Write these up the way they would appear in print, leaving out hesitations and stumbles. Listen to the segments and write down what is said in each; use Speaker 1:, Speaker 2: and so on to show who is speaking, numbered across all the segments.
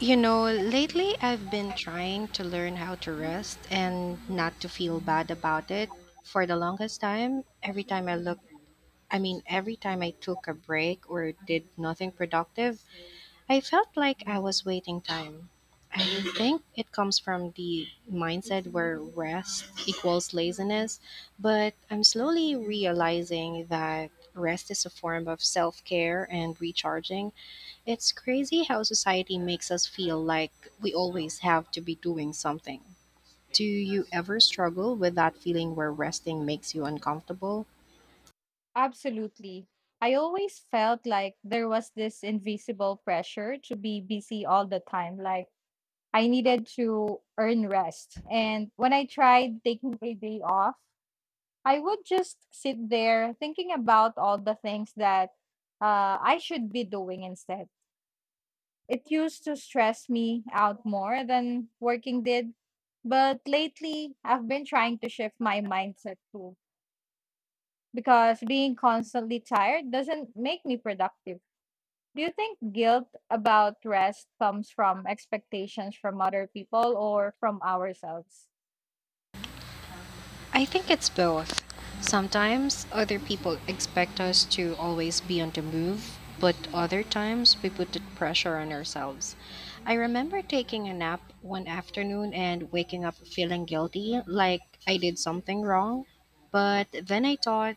Speaker 1: You know, lately I've been trying to learn how to rest and not to feel bad about it. For the longest time, every time I took a break or did nothing productive, I felt like I was waiting time. I think it comes from the mindset where rest equals laziness, but I'm slowly realizing that rest is a form of self care and recharging. It's crazy how society makes us feel like we always have to be doing something. Do you ever struggle with that feeling where resting makes you uncomfortable?
Speaker 2: Absolutely. I always felt like there was this invisible pressure to be busy all the time. Like I needed to earn rest. And when I tried taking a day off, I would just sit there thinking about all the things that I should be doing instead. It used to stress me out more than working did. But lately, I've been trying to shift my mindset to because being constantly tired doesn't make me productive. Do you think guilt about rest comes from expectations from other people or from ourselves?
Speaker 1: I think it's both. Sometimes other people expect us to always be on the move, but other times we put the pressure on ourselves. I remember taking a nap one afternoon and waking up feeling guilty, like I did something wrong. But then I thought,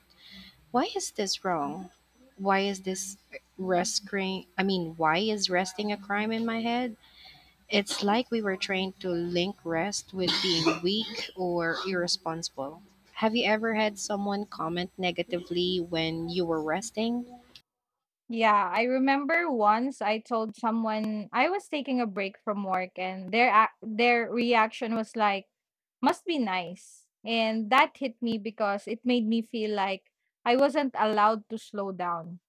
Speaker 1: why is this wrong? Why is this why is resting a crime in my head? It's like we were trained to link rest with being weak or irresponsible. Have you ever had someone comment negatively when you were resting?
Speaker 2: Yeah, I remember once I told someone I was taking a break from work and their reaction was like must be nice. And that hit me because it made me feel like I wasn't allowed to slow down.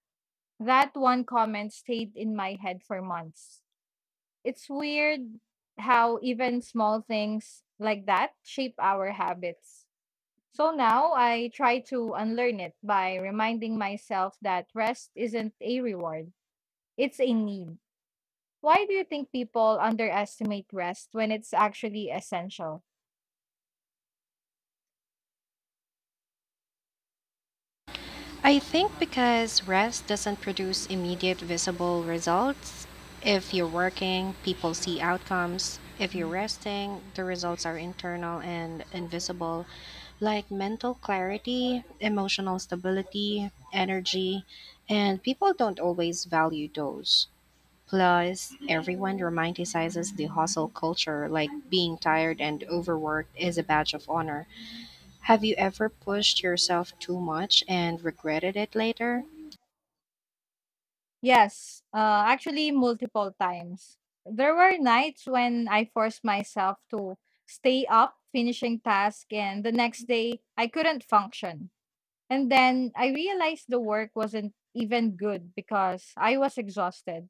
Speaker 2: That one comment stayed in my head for months. It's weird how even small things like that shape our habits. So now I try to unlearn it by reminding myself that rest isn't a reward, it's a need. Why do you think people underestimate rest when it's actually essential?
Speaker 1: I think because rest doesn't produce immediate visible results. If you're working, people see outcomes. If you're resting, the results are internal and invisible, like mental clarity, emotional stability, energy, and people don't always value those. Plus, everyone romanticizes the hustle culture, like being tired and overworked is a badge of honor. Have you ever pushed yourself too much and regretted it later?
Speaker 2: Yes, actually, multiple times. There were nights when I forced myself to stay up finishing task and the next day I couldn't function. And then I realized the work wasn't even good because I was exhausted.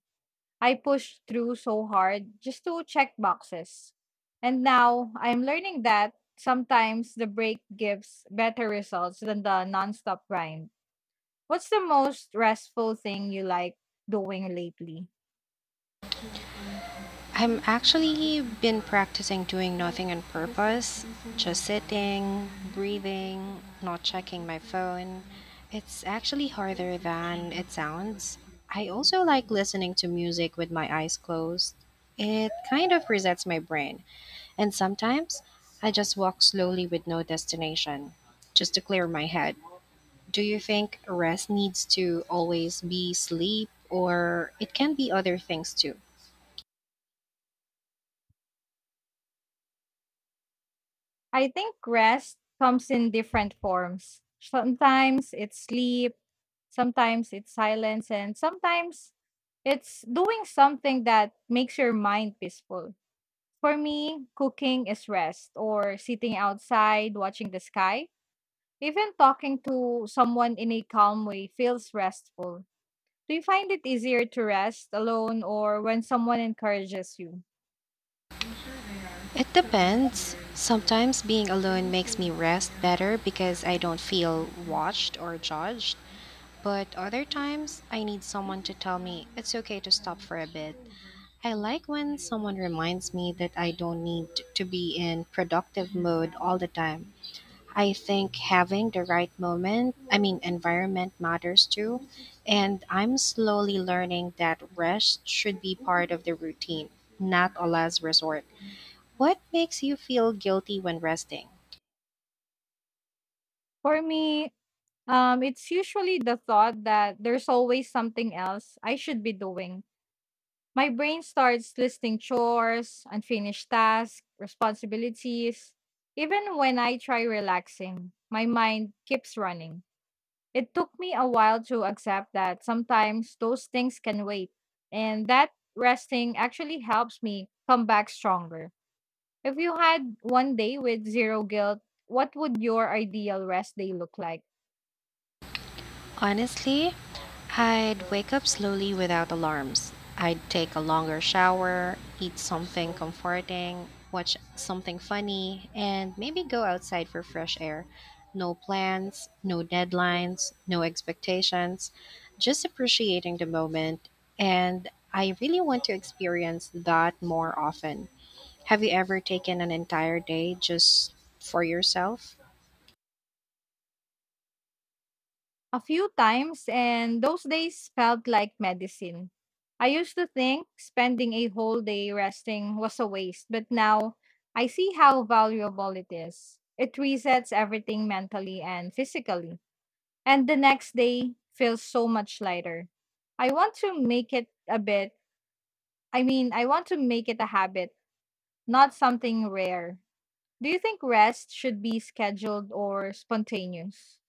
Speaker 2: I pushed through so hard just to check boxes. And now I'm learning that sometimes the break gives better results than the nonstop grind. What's the most restful thing you like doing lately?
Speaker 1: I'm actually been practicing doing nothing on purpose, just sitting, breathing, not checking my phone. It's actually harder than it sounds. I also like listening to music with my eyes closed. It kind of resets my brain. And sometimes I just walk slowly with no destination, just to clear my head. Do you think rest needs to always be sleep or it can be other things too?
Speaker 2: I think rest comes in different forms. Sometimes it's sleep. Sometimes it's silence, and sometimes it's doing something that makes your mind peaceful. For me, cooking is rest, or sitting outside watching the sky. Even talking to someone in a calm way feels restful. Do you find it easier to rest alone or when someone encourages you?
Speaker 1: It depends. Sometimes being alone makes me rest better because I don't feel watched or judged. But other times, I need someone to tell me it's okay to stop for a bit. I like when someone reminds me that I don't need to be in productive mode all the time. I think having the right moment, I mean, environment matters too. And I'm slowly learning that rest should be part of the routine, not a last resort. What makes you feel guilty when resting?
Speaker 2: For me, it's usually the thought that there's always something else I should be doing. My brain starts listing chores, unfinished tasks, responsibilities. Even when I try relaxing, my mind keeps running. It took me a while to accept that sometimes those things can wait, and that resting actually helps me come back stronger. If you had one day with zero guilt, what would your ideal rest day look like?
Speaker 1: Honestly, I'd wake up slowly without alarms. I'd take a longer shower, eat something comforting, watch something funny, and maybe go outside for fresh air. No plans, no deadlines, no expectations, just appreciating the moment. And I really want to experience that more often. Have you ever taken an entire day just for yourself?
Speaker 2: A few times, and those days felt like medicine. I used to think spending a whole day resting was a waste, but now I see how valuable it is. It resets everything mentally and physically, and the next day feels so much lighter. I want to make it a bit, I mean, I want to make it a habit, not something rare. Do you think rest should be scheduled or spontaneous?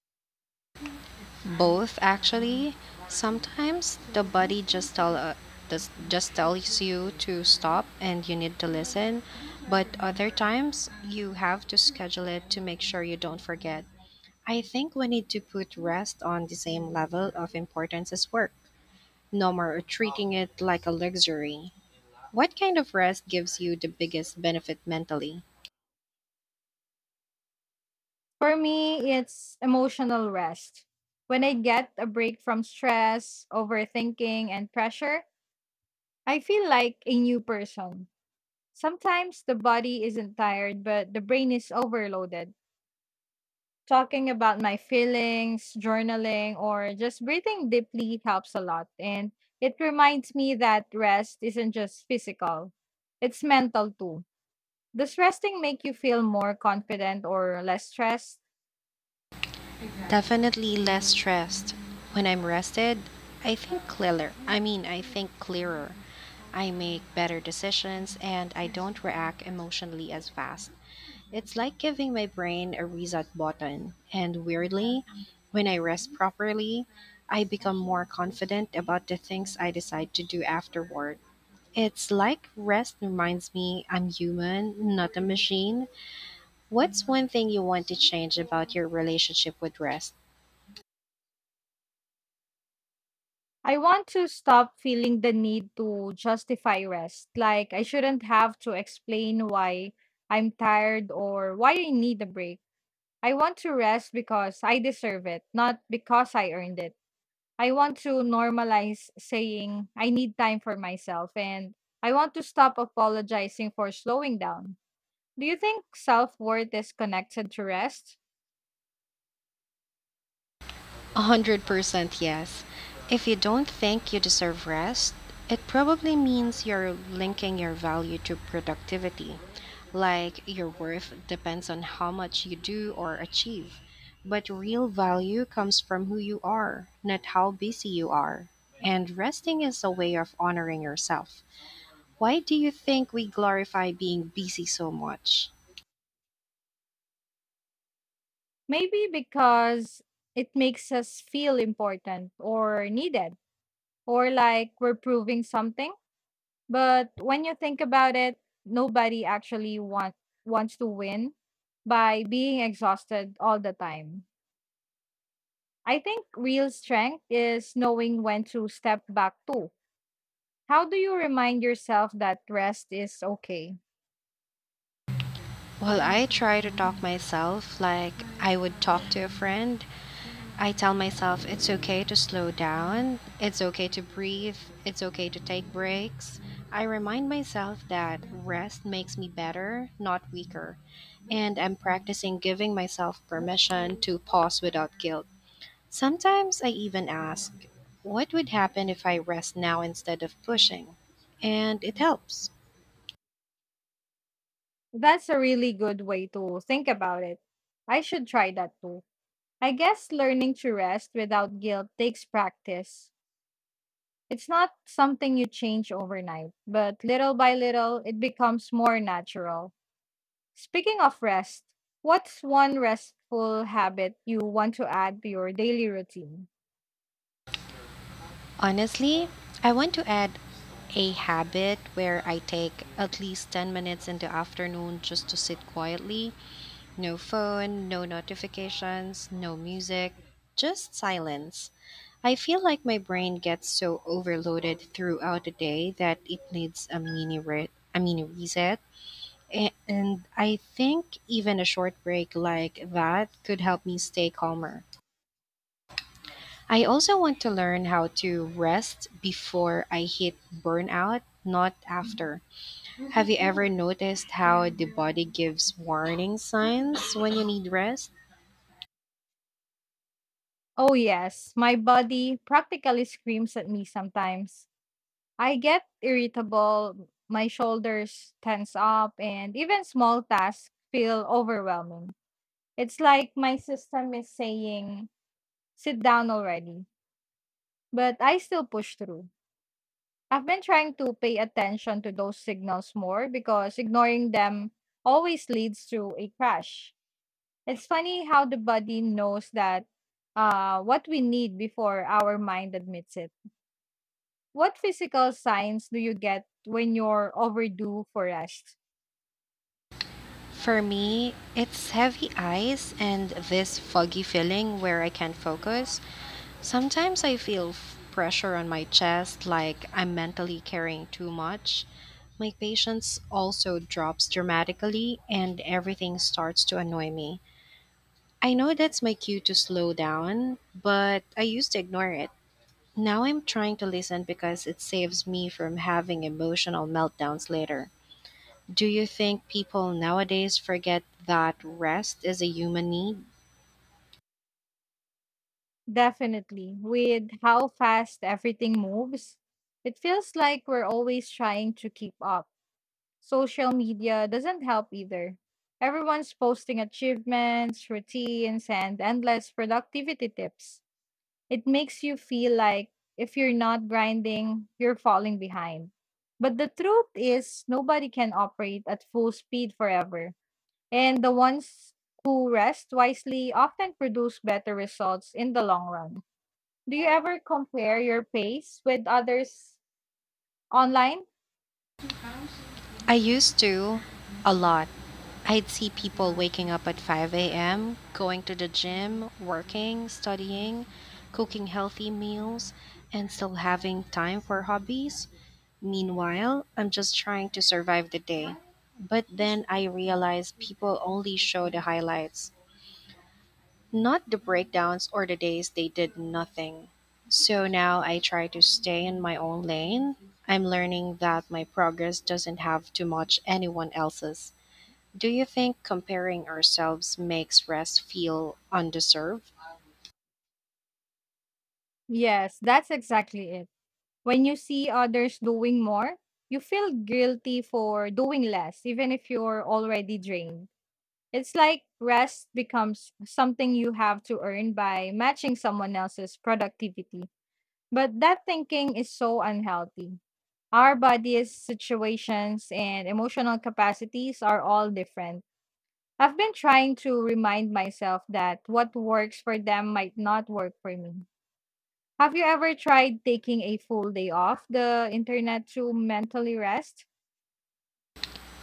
Speaker 1: Both actually. Sometimes the body just tell does- just tells you to stop and you need to listen, but other times you have to schedule it to make sure you don't forget. I think we need to put rest on the same level of importance as work. No more treating it like a luxury. What kind of rest gives you the biggest benefit mentally?
Speaker 2: For me, it's emotional rest. When I get a break from stress, overthinking, and pressure, I feel like a new person. Sometimes the body isn't tired, but the brain is overloaded. Talking about my feelings, journaling, or just breathing deeply helps a lot. And it reminds me that rest isn't just physical, it's mental too. Does resting make you feel more confident or less stressed?
Speaker 1: Definitely less stressed. When I'm rested, I think clearer. I make better decisions and I don't react emotionally as fast. It's like giving my brain a reset button. And weirdly, when I rest properly, I become more confident about the things I decide to do afterward. It's like rest reminds me I'm human, not a machine. What's one thing you want to change about your relationship with rest?
Speaker 2: I want to stop feeling the need to justify rest. Like, I shouldn't have to explain why I'm tired or why I need a break. I want to rest because I deserve it, not because I earned it. I want to normalize saying I need time for myself and I want to stop apologizing for slowing down. Do you think self worth is connected to rest?
Speaker 1: 100% yes. If you don't think you deserve rest, it probably means you're linking your value to productivity, like your worth depends on how much you do or achieve. But real value comes from who you are, not how busy you are. And resting is a way of honoring yourself. Why do you think we glorify being busy so much?
Speaker 2: Maybe because it makes us feel important or needed or like we're proving something. But when you think about it, nobody actually want, wants to win by being exhausted all the time. I think real strength is knowing when to step back too. How do you remind yourself that rest is okay?
Speaker 1: Well, I try to talk myself like I would talk to a friend. I tell myself it's okay to slow down, it's okay to breathe, it's okay to take breaks. I remind myself that rest makes me better, not weaker, and I'm practicing giving myself permission to pause without guilt. Sometimes I even ask, what would happen if I rest now instead of pushing? And it helps.
Speaker 2: That's a really good way to think about it. I should try that too. I guess learning to rest without guilt takes practice. It's not something you change overnight, but little by little, it becomes more natural. Speaking of rest, what's one restful habit you want to add to your daily routine?
Speaker 1: Honestly, I want to add a habit where I take at least 10 minutes in the afternoon just to sit quietly. No phone, no notifications, no music, just silence. I feel like my brain gets so overloaded throughout the day that it needs a a mini reset. And I think even a short break like that could help me stay calmer. I also want to learn how to rest before I hit burnout, not after. Have you ever noticed how the body gives warning signs when you need rest?
Speaker 2: Oh, yes, my body practically screams at me sometimes. I get irritable, my shoulders tense up, and even small tasks feel overwhelming. It's like my system is saying, sit down already, but I still push through. I've been trying to pay attention to those signals more because ignoring them always leads to a crash. It's funny how the body knows that what we need before our mind admits it. What physical signs do you get when you're overdue for rest?
Speaker 1: For me, it's heavy eyes and this foggy feeling where I can't focus. Sometimes I feel pressure on my chest, like I'm mentally carrying too much. My patience also drops dramatically, and everything starts to annoy me. I know that's my cue to slow down, but I used to ignore it. Now I'm trying to listen because it saves me from having emotional meltdowns later. Do you think people nowadays forget that rest is a human need?
Speaker 2: Definitely. With how fast everything moves, it feels like we're always trying to keep up. Social media doesn't help either. Everyone's posting achievements, routines, and endless productivity tips. It makes you feel like if you're not grinding, you're falling behind. But the truth is, nobody can operate at full speed forever. And the ones who rest wisely often produce better results in the long run. Do you ever compare your pace with others online?
Speaker 1: I used to a lot. I'd see people waking up at 5 a.m., going to the gym, working, studying, cooking healthy meals, and still having time for hobbies. Meanwhile, I'm just trying to survive the day. But then I realized people only show the highlights. Not the breakdowns or the days they did nothing. So now I try to stay in my own lane. I'm learning that my progress doesn't have to match anyone else's. Do you think comparing ourselves makes rest feel undeserved?
Speaker 2: Yes, that's exactly it. When you see others doing more, you feel guilty for doing less, even if you're already drained. It's like rest becomes something you have to earn by matching someone else's productivity. But that thinking is so unhealthy. Our bodies, situations, and emotional capacities are all different. I've been trying to remind myself that what works for them might not work for me. Have you ever tried taking a full day off the internet to mentally rest?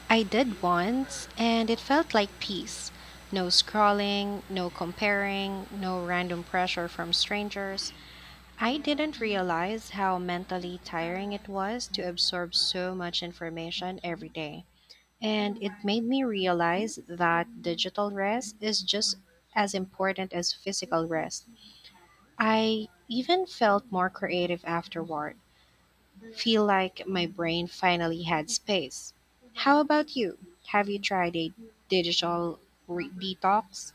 Speaker 1: I did once, and it felt like peace. No scrolling, no comparing, no random pressure from strangers. I didn't realize how mentally tiring it was to absorb so much information every day. And it made me realize that digital rest is just as important as physical rest. I even felt more creative afterward, feel like my brain finally had space. How about you? Have you tried a digital detox?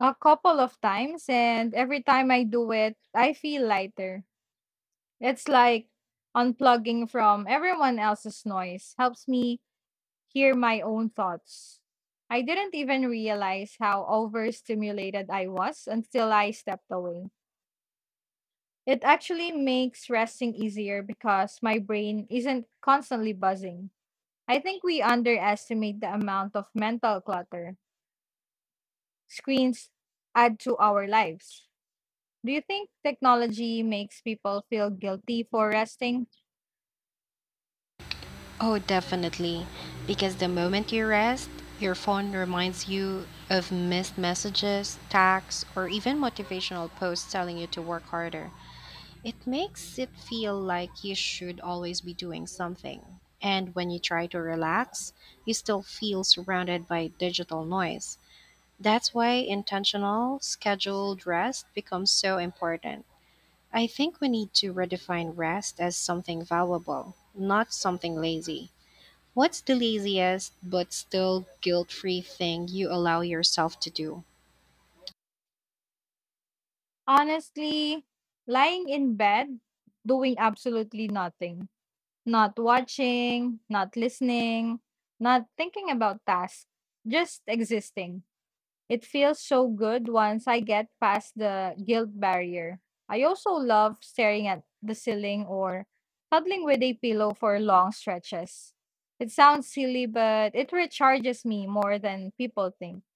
Speaker 2: A couple of times, and every time I do it, I feel lighter. It's like unplugging from everyone else's noise, helps me hear my own thoughts. I didn't even realize how overstimulated I was until I stepped away. It actually makes resting easier because my brain isn't constantly buzzing. I think we underestimate the amount of mental clutter screens add to our lives. Do you think technology makes people feel guilty for resting?
Speaker 1: Oh, definitely. Because the moment you rest, your phone reminds you of missed messages, texts, or even motivational posts telling you to work harder. It makes it feel like you should always be doing something. And when you try to relax, you still feel surrounded by digital noise. That's why intentional, scheduled rest becomes so important. I think we need to redefine rest as something valuable, not something lazy. What's the laziest but still guilt free thing you allow yourself to do?
Speaker 2: Honestly, lying in bed, doing absolutely nothing, not watching, not listening, not thinking about tasks, just existing. It feels so good once I get past the guilt barrier. I also love staring at the ceiling or cuddling with a pillow for long stretches. It sounds silly, but it recharges me more than people think.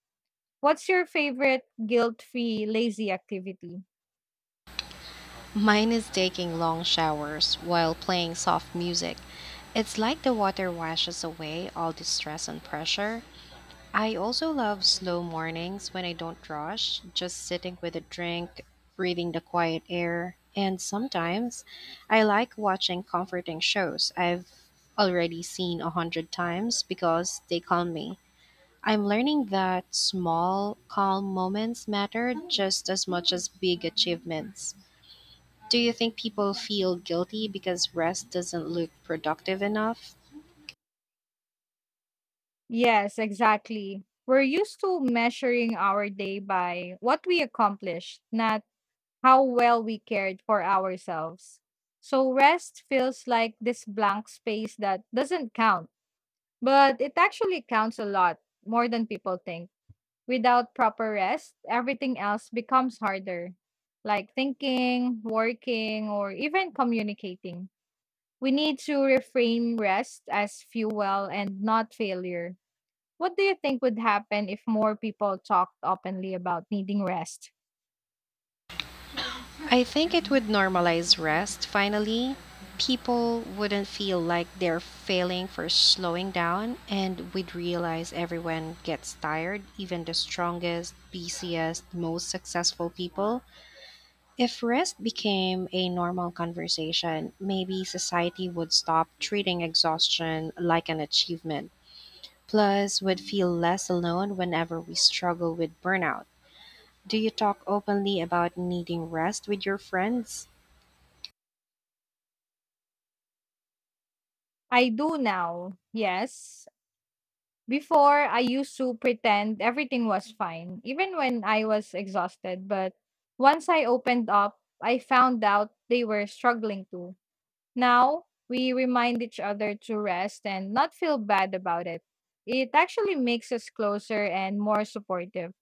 Speaker 2: What's your favorite guilt free lazy activity?
Speaker 1: Mine is taking long showers while playing soft music. It's like the water washes away all the stress and pressure. I also love slow mornings when I don't rush, just sitting with a drink, breathing the quiet air. And sometimes I like watching comforting shows I've already seen a hundred times because they calm me. I'm learning that small, calm moments matter just as much as big achievements. Do you think people feel guilty because rest doesn't look productive enough?
Speaker 2: Yes, exactly. We're used to measuring our day by what we accomplished, not how well we cared for ourselves. So rest feels like this blank space that doesn't count, but it actually counts a lot, more than people think. Without proper rest, everything else becomes harder, like thinking, working, or even communicating. We need to reframe rest as fuel and not failure. What do you think would happen if more people talked openly about needing rest?
Speaker 1: I think it would normalize rest finally. People wouldn't feel like they're failing for slowing down, and we'd realize everyone gets tired, even the strongest, busiest, most successful people. If rest became a normal conversation, maybe society would stop treating exhaustion like an achievement. Plus, we'd feel less alone whenever we struggle with burnout. Do you talk openly about needing rest with your friends?
Speaker 2: I do now, yes. Before, I used to pretend everything was fine, even when I was exhausted. But once I opened up, I found out they were struggling too. Now, we remind each other to rest and not feel bad about it. It actually makes us closer and more supportive.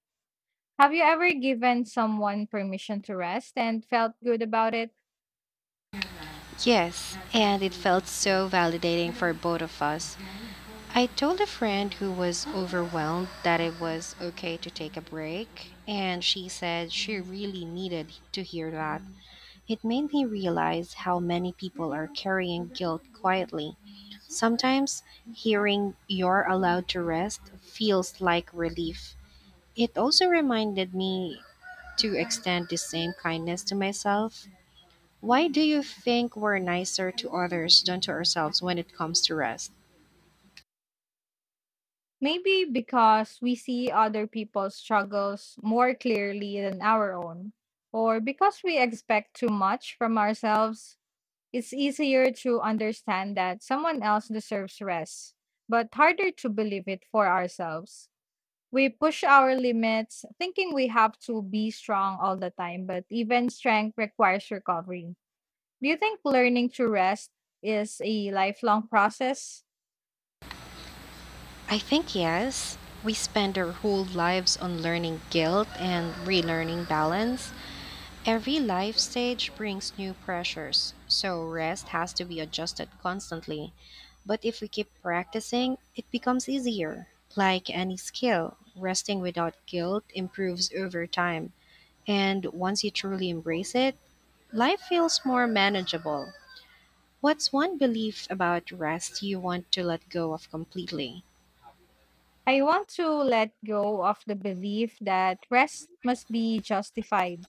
Speaker 2: Have you ever given someone permission to rest and felt good about it?
Speaker 1: Yes, and it felt so validating for both of us. I told a friend who was overwhelmed that it was okay to take a break, and she said she really needed to hear that. It made me realize how many people are carrying guilt quietly. Sometimes hearing you're allowed to rest feels like relief. It also reminded me to extend the same kindness to myself. Why do you think we're nicer to others than to ourselves when it comes to rest?
Speaker 2: Maybe because we see other people's struggles more clearly than our own, or because we expect too much from ourselves, it's easier to understand that someone else deserves rest, but harder to believe it for ourselves. We push our limits, thinking we have to be strong all the time, but even strength requires recovery. Do you think learning to rest is a lifelong process?
Speaker 1: I think yes. We spend our whole lives on learning guilt and relearning balance. Every life stage brings new pressures, so rest has to be adjusted constantly. But if we keep practicing, it becomes easier. Like any skill, resting without guilt improves over time. And once you truly embrace it, life feels more manageable. What's one belief about rest you want to let go of completely?
Speaker 2: I want to let go of the belief that rest must be justified.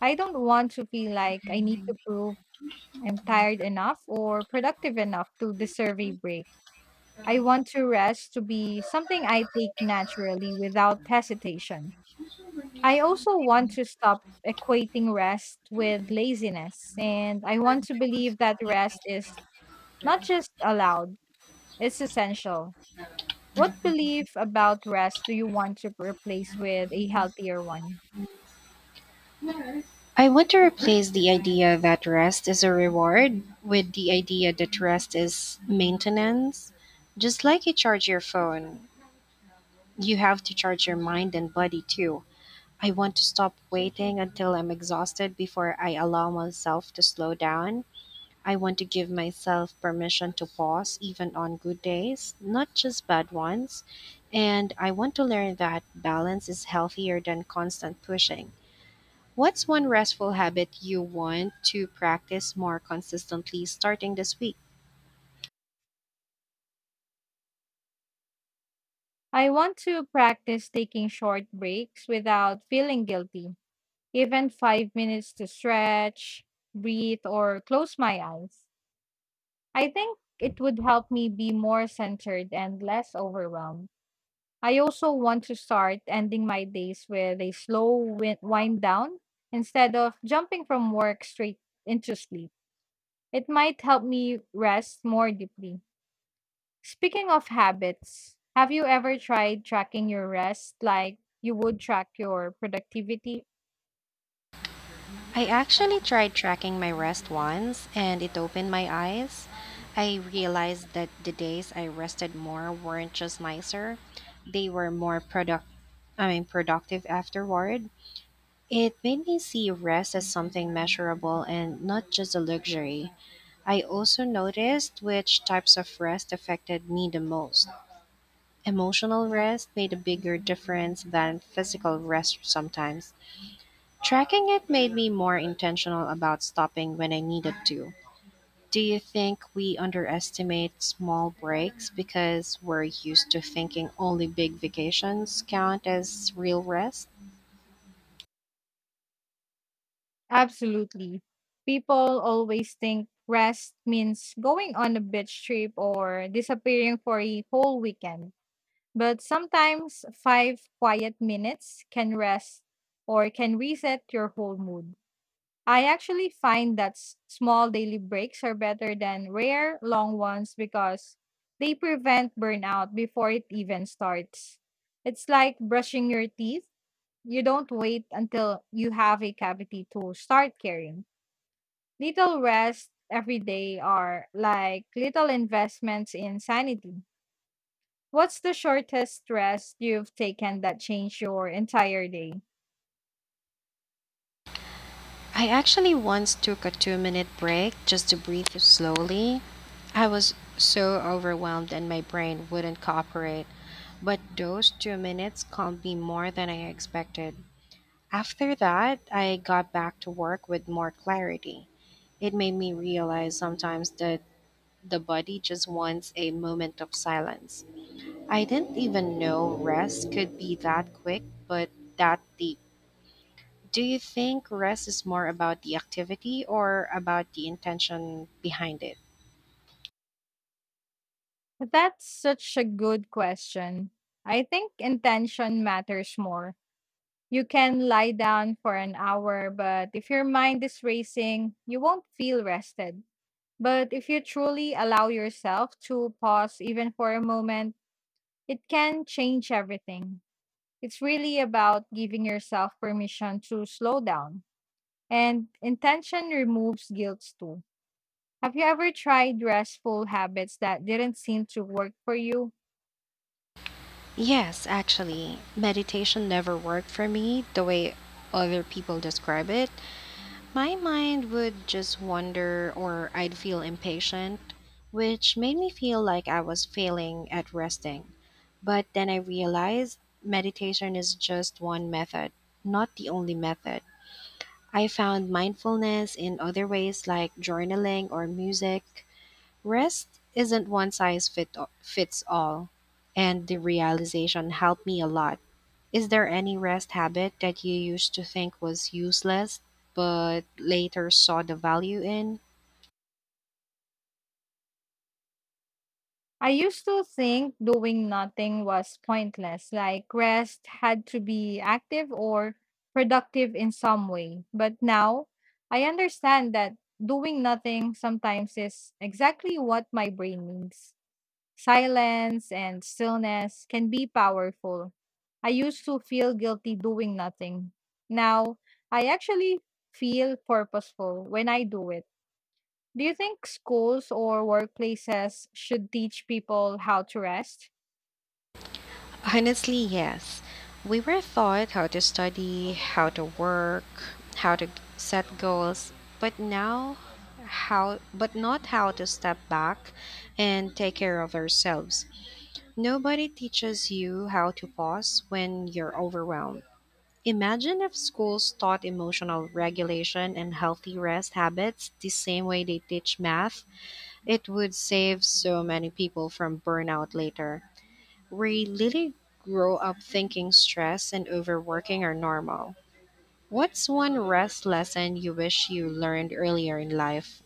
Speaker 2: I don't want to feel like I need to prove I'm tired enough or productive enough to deserve a break. I want to rest to be something I take naturally without hesitation. I also want to stop equating rest with laziness, and I want to believe that rest is not just allowed, it's essential. What belief about rest do you want to replace with a healthier one?
Speaker 1: I want to replace the idea that rest is a reward with the idea that rest is maintenance. Just like you charge your phone, you have to charge your mind and body too. I want to stop waiting until I'm exhausted before I allow myself to slow down. I want to give myself permission to pause even on good days, not just bad ones. And I want to learn that balance is healthier than constant pushing. What's one restful habit you want to practice more consistently starting this week?
Speaker 2: I want to practice taking short breaks without feeling guilty, even 5 minutes to stretch, breathe, or close my eyes. I think it would help me be more centered and less overwhelmed. I also want to start ending my days with a slow wind down instead of jumping from work straight into sleep. It might help me rest more deeply. Speaking of habits, have you ever tried tracking your rest like you would track your productivity?
Speaker 1: I actually tried tracking my rest once, and it opened my eyes. I realized that the days I rested more weren't just nicer, they were more product I mean, productive afterward. It made me see rest as something measurable and not just a luxury. I also noticed which types of rest affected me the most. Emotional rest made a bigger difference than physical rest sometimes. Tracking it made me more intentional about stopping when I needed to. Do you think we underestimate small breaks because we're used to thinking only big vacations count as real rest?
Speaker 2: Absolutely. People always think rest means going on a beach trip or disappearing for a whole weekend. But sometimes five quiet minutes can rest or can reset your whole mood. I actually find that small daily breaks are better than rare long ones because they prevent burnout before it even starts. It's like brushing your teeth. You don't wait until you have a cavity to start caring. Little rest every day are like little investments in sanity. What's the shortest rest you've taken that changed your entire day?
Speaker 1: I actually once took a 2-minute break just to breathe slowly. I was so overwhelmed and my brain wouldn't cooperate, but those 2 minutes calmed me more than I expected. After that, I got back to work with more clarity. It made me realize sometimes that the body just wants a moment of silence. I didn't even know rest could be that quick, but that deep. Do you think rest is more about the activity or about the intention behind it?
Speaker 2: That's such a good question. I think intention matters more. You can lie down for an hour, but if your mind is racing, you won't feel rested. But if you truly allow yourself to pause even for a moment, it can change everything. It's really about giving yourself permission to slow down. And intention removes guilt too. Have you ever tried restful habits that didn't seem to work for you?
Speaker 1: Yes, actually, meditation never worked for me the way other people describe it. My mind would just wander, or I'd feel impatient, which made me feel like I was failing at resting. But then I realized meditation is just one method, not the only method. I found mindfulness in other ways like journaling or music. Rest isn't one size fits all, and the realization helped me a lot. Is there any rest habit that you used to think was useless but later saw the value in?
Speaker 2: I used to think doing nothing was pointless, like rest had to be active or productive in some way. But now I understand that doing nothing sometimes is exactly what my brain needs. Silence and stillness can be powerful. I used to feel guilty doing nothing. Now I actually feel purposeful when I do it. Do you think schools or workplaces should teach people how to rest?
Speaker 1: Honestly, yes. We were taught how to study, how to work, how to set goals, but now how but not how to step back and take care of ourselves. Nobody teaches you how to pause when you're overwhelmed. Imagine if schools taught emotional regulation and healthy rest habits the same way they teach math. It would save so many people from burnout later. We really grow up thinking stress and overworking are normal. What's one rest lesson you wish you learned earlier in life?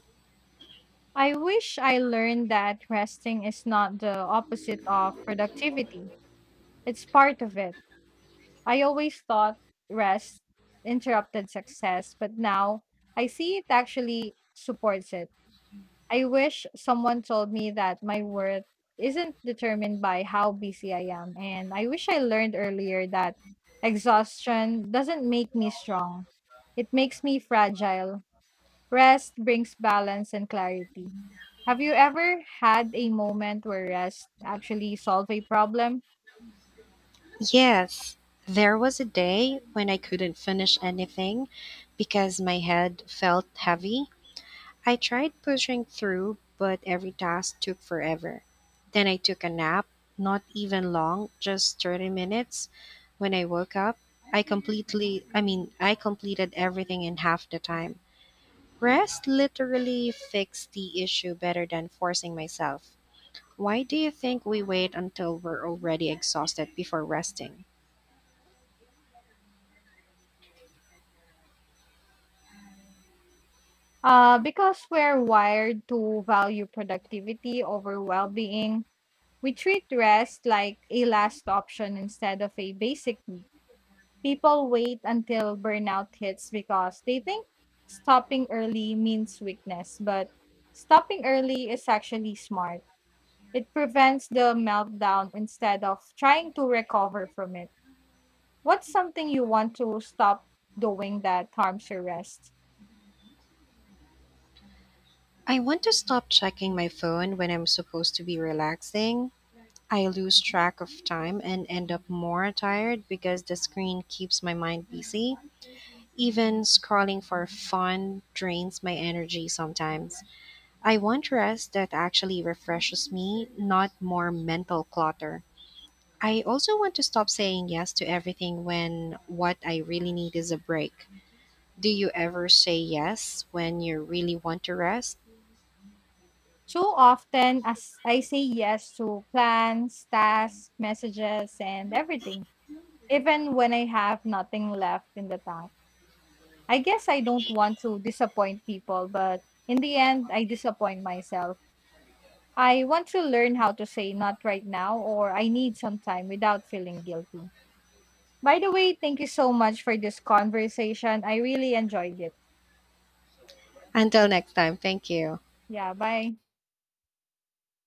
Speaker 2: I wish I learned that resting is not the opposite of productivity. It's part of it. I always thought rest interrupted success, but now I see it actually supports it. I wish someone told me that my worth isn't determined by how busy I am. And I wish I learned earlier that exhaustion doesn't make me strong, it makes me fragile. Rest brings balance and clarity. Have you ever had a moment where rest actually solved a problem?
Speaker 1: Yes, there was a day when I couldn't finish anything because my head felt heavy. I tried pushing through, but every task took forever. Then I took a nap, not even long, just 30 minutes. When I woke up, I I mean, I completed everything in half the time. Rest literally fixed the issue better than forcing myself. Why do you think we wait until we're already exhausted before resting?
Speaker 2: Because we're wired to value productivity over well being, we treat rest like a last option instead of a basic need. People wait until burnout hits because they think stopping early means weakness, but stopping early is actually smart. It prevents the meltdown instead of trying to recover from it. What's something you want to stop doing that harms your rest?
Speaker 1: I want to stop checking my phone when I'm supposed to be relaxing. I lose track of time and end up more tired because the screen keeps my mind busy. Even scrolling for fun drains my energy sometimes. I want rest that actually refreshes me, not more mental clutter. I also want to stop saying yes to everything when what I really need is a break. Do you ever say yes when you really want to rest?
Speaker 2: Too often, as I say yes to plans, tasks, messages, and everything, even when I have nothing left in the tank. I guess I don't want to disappoint people, but in the end, I disappoint myself. I want to learn how to say not right now or I need some time without feeling guilty. By the way, thank you so much for this conversation. I really enjoyed it.
Speaker 1: Until next time, thank you.
Speaker 2: Yeah, bye.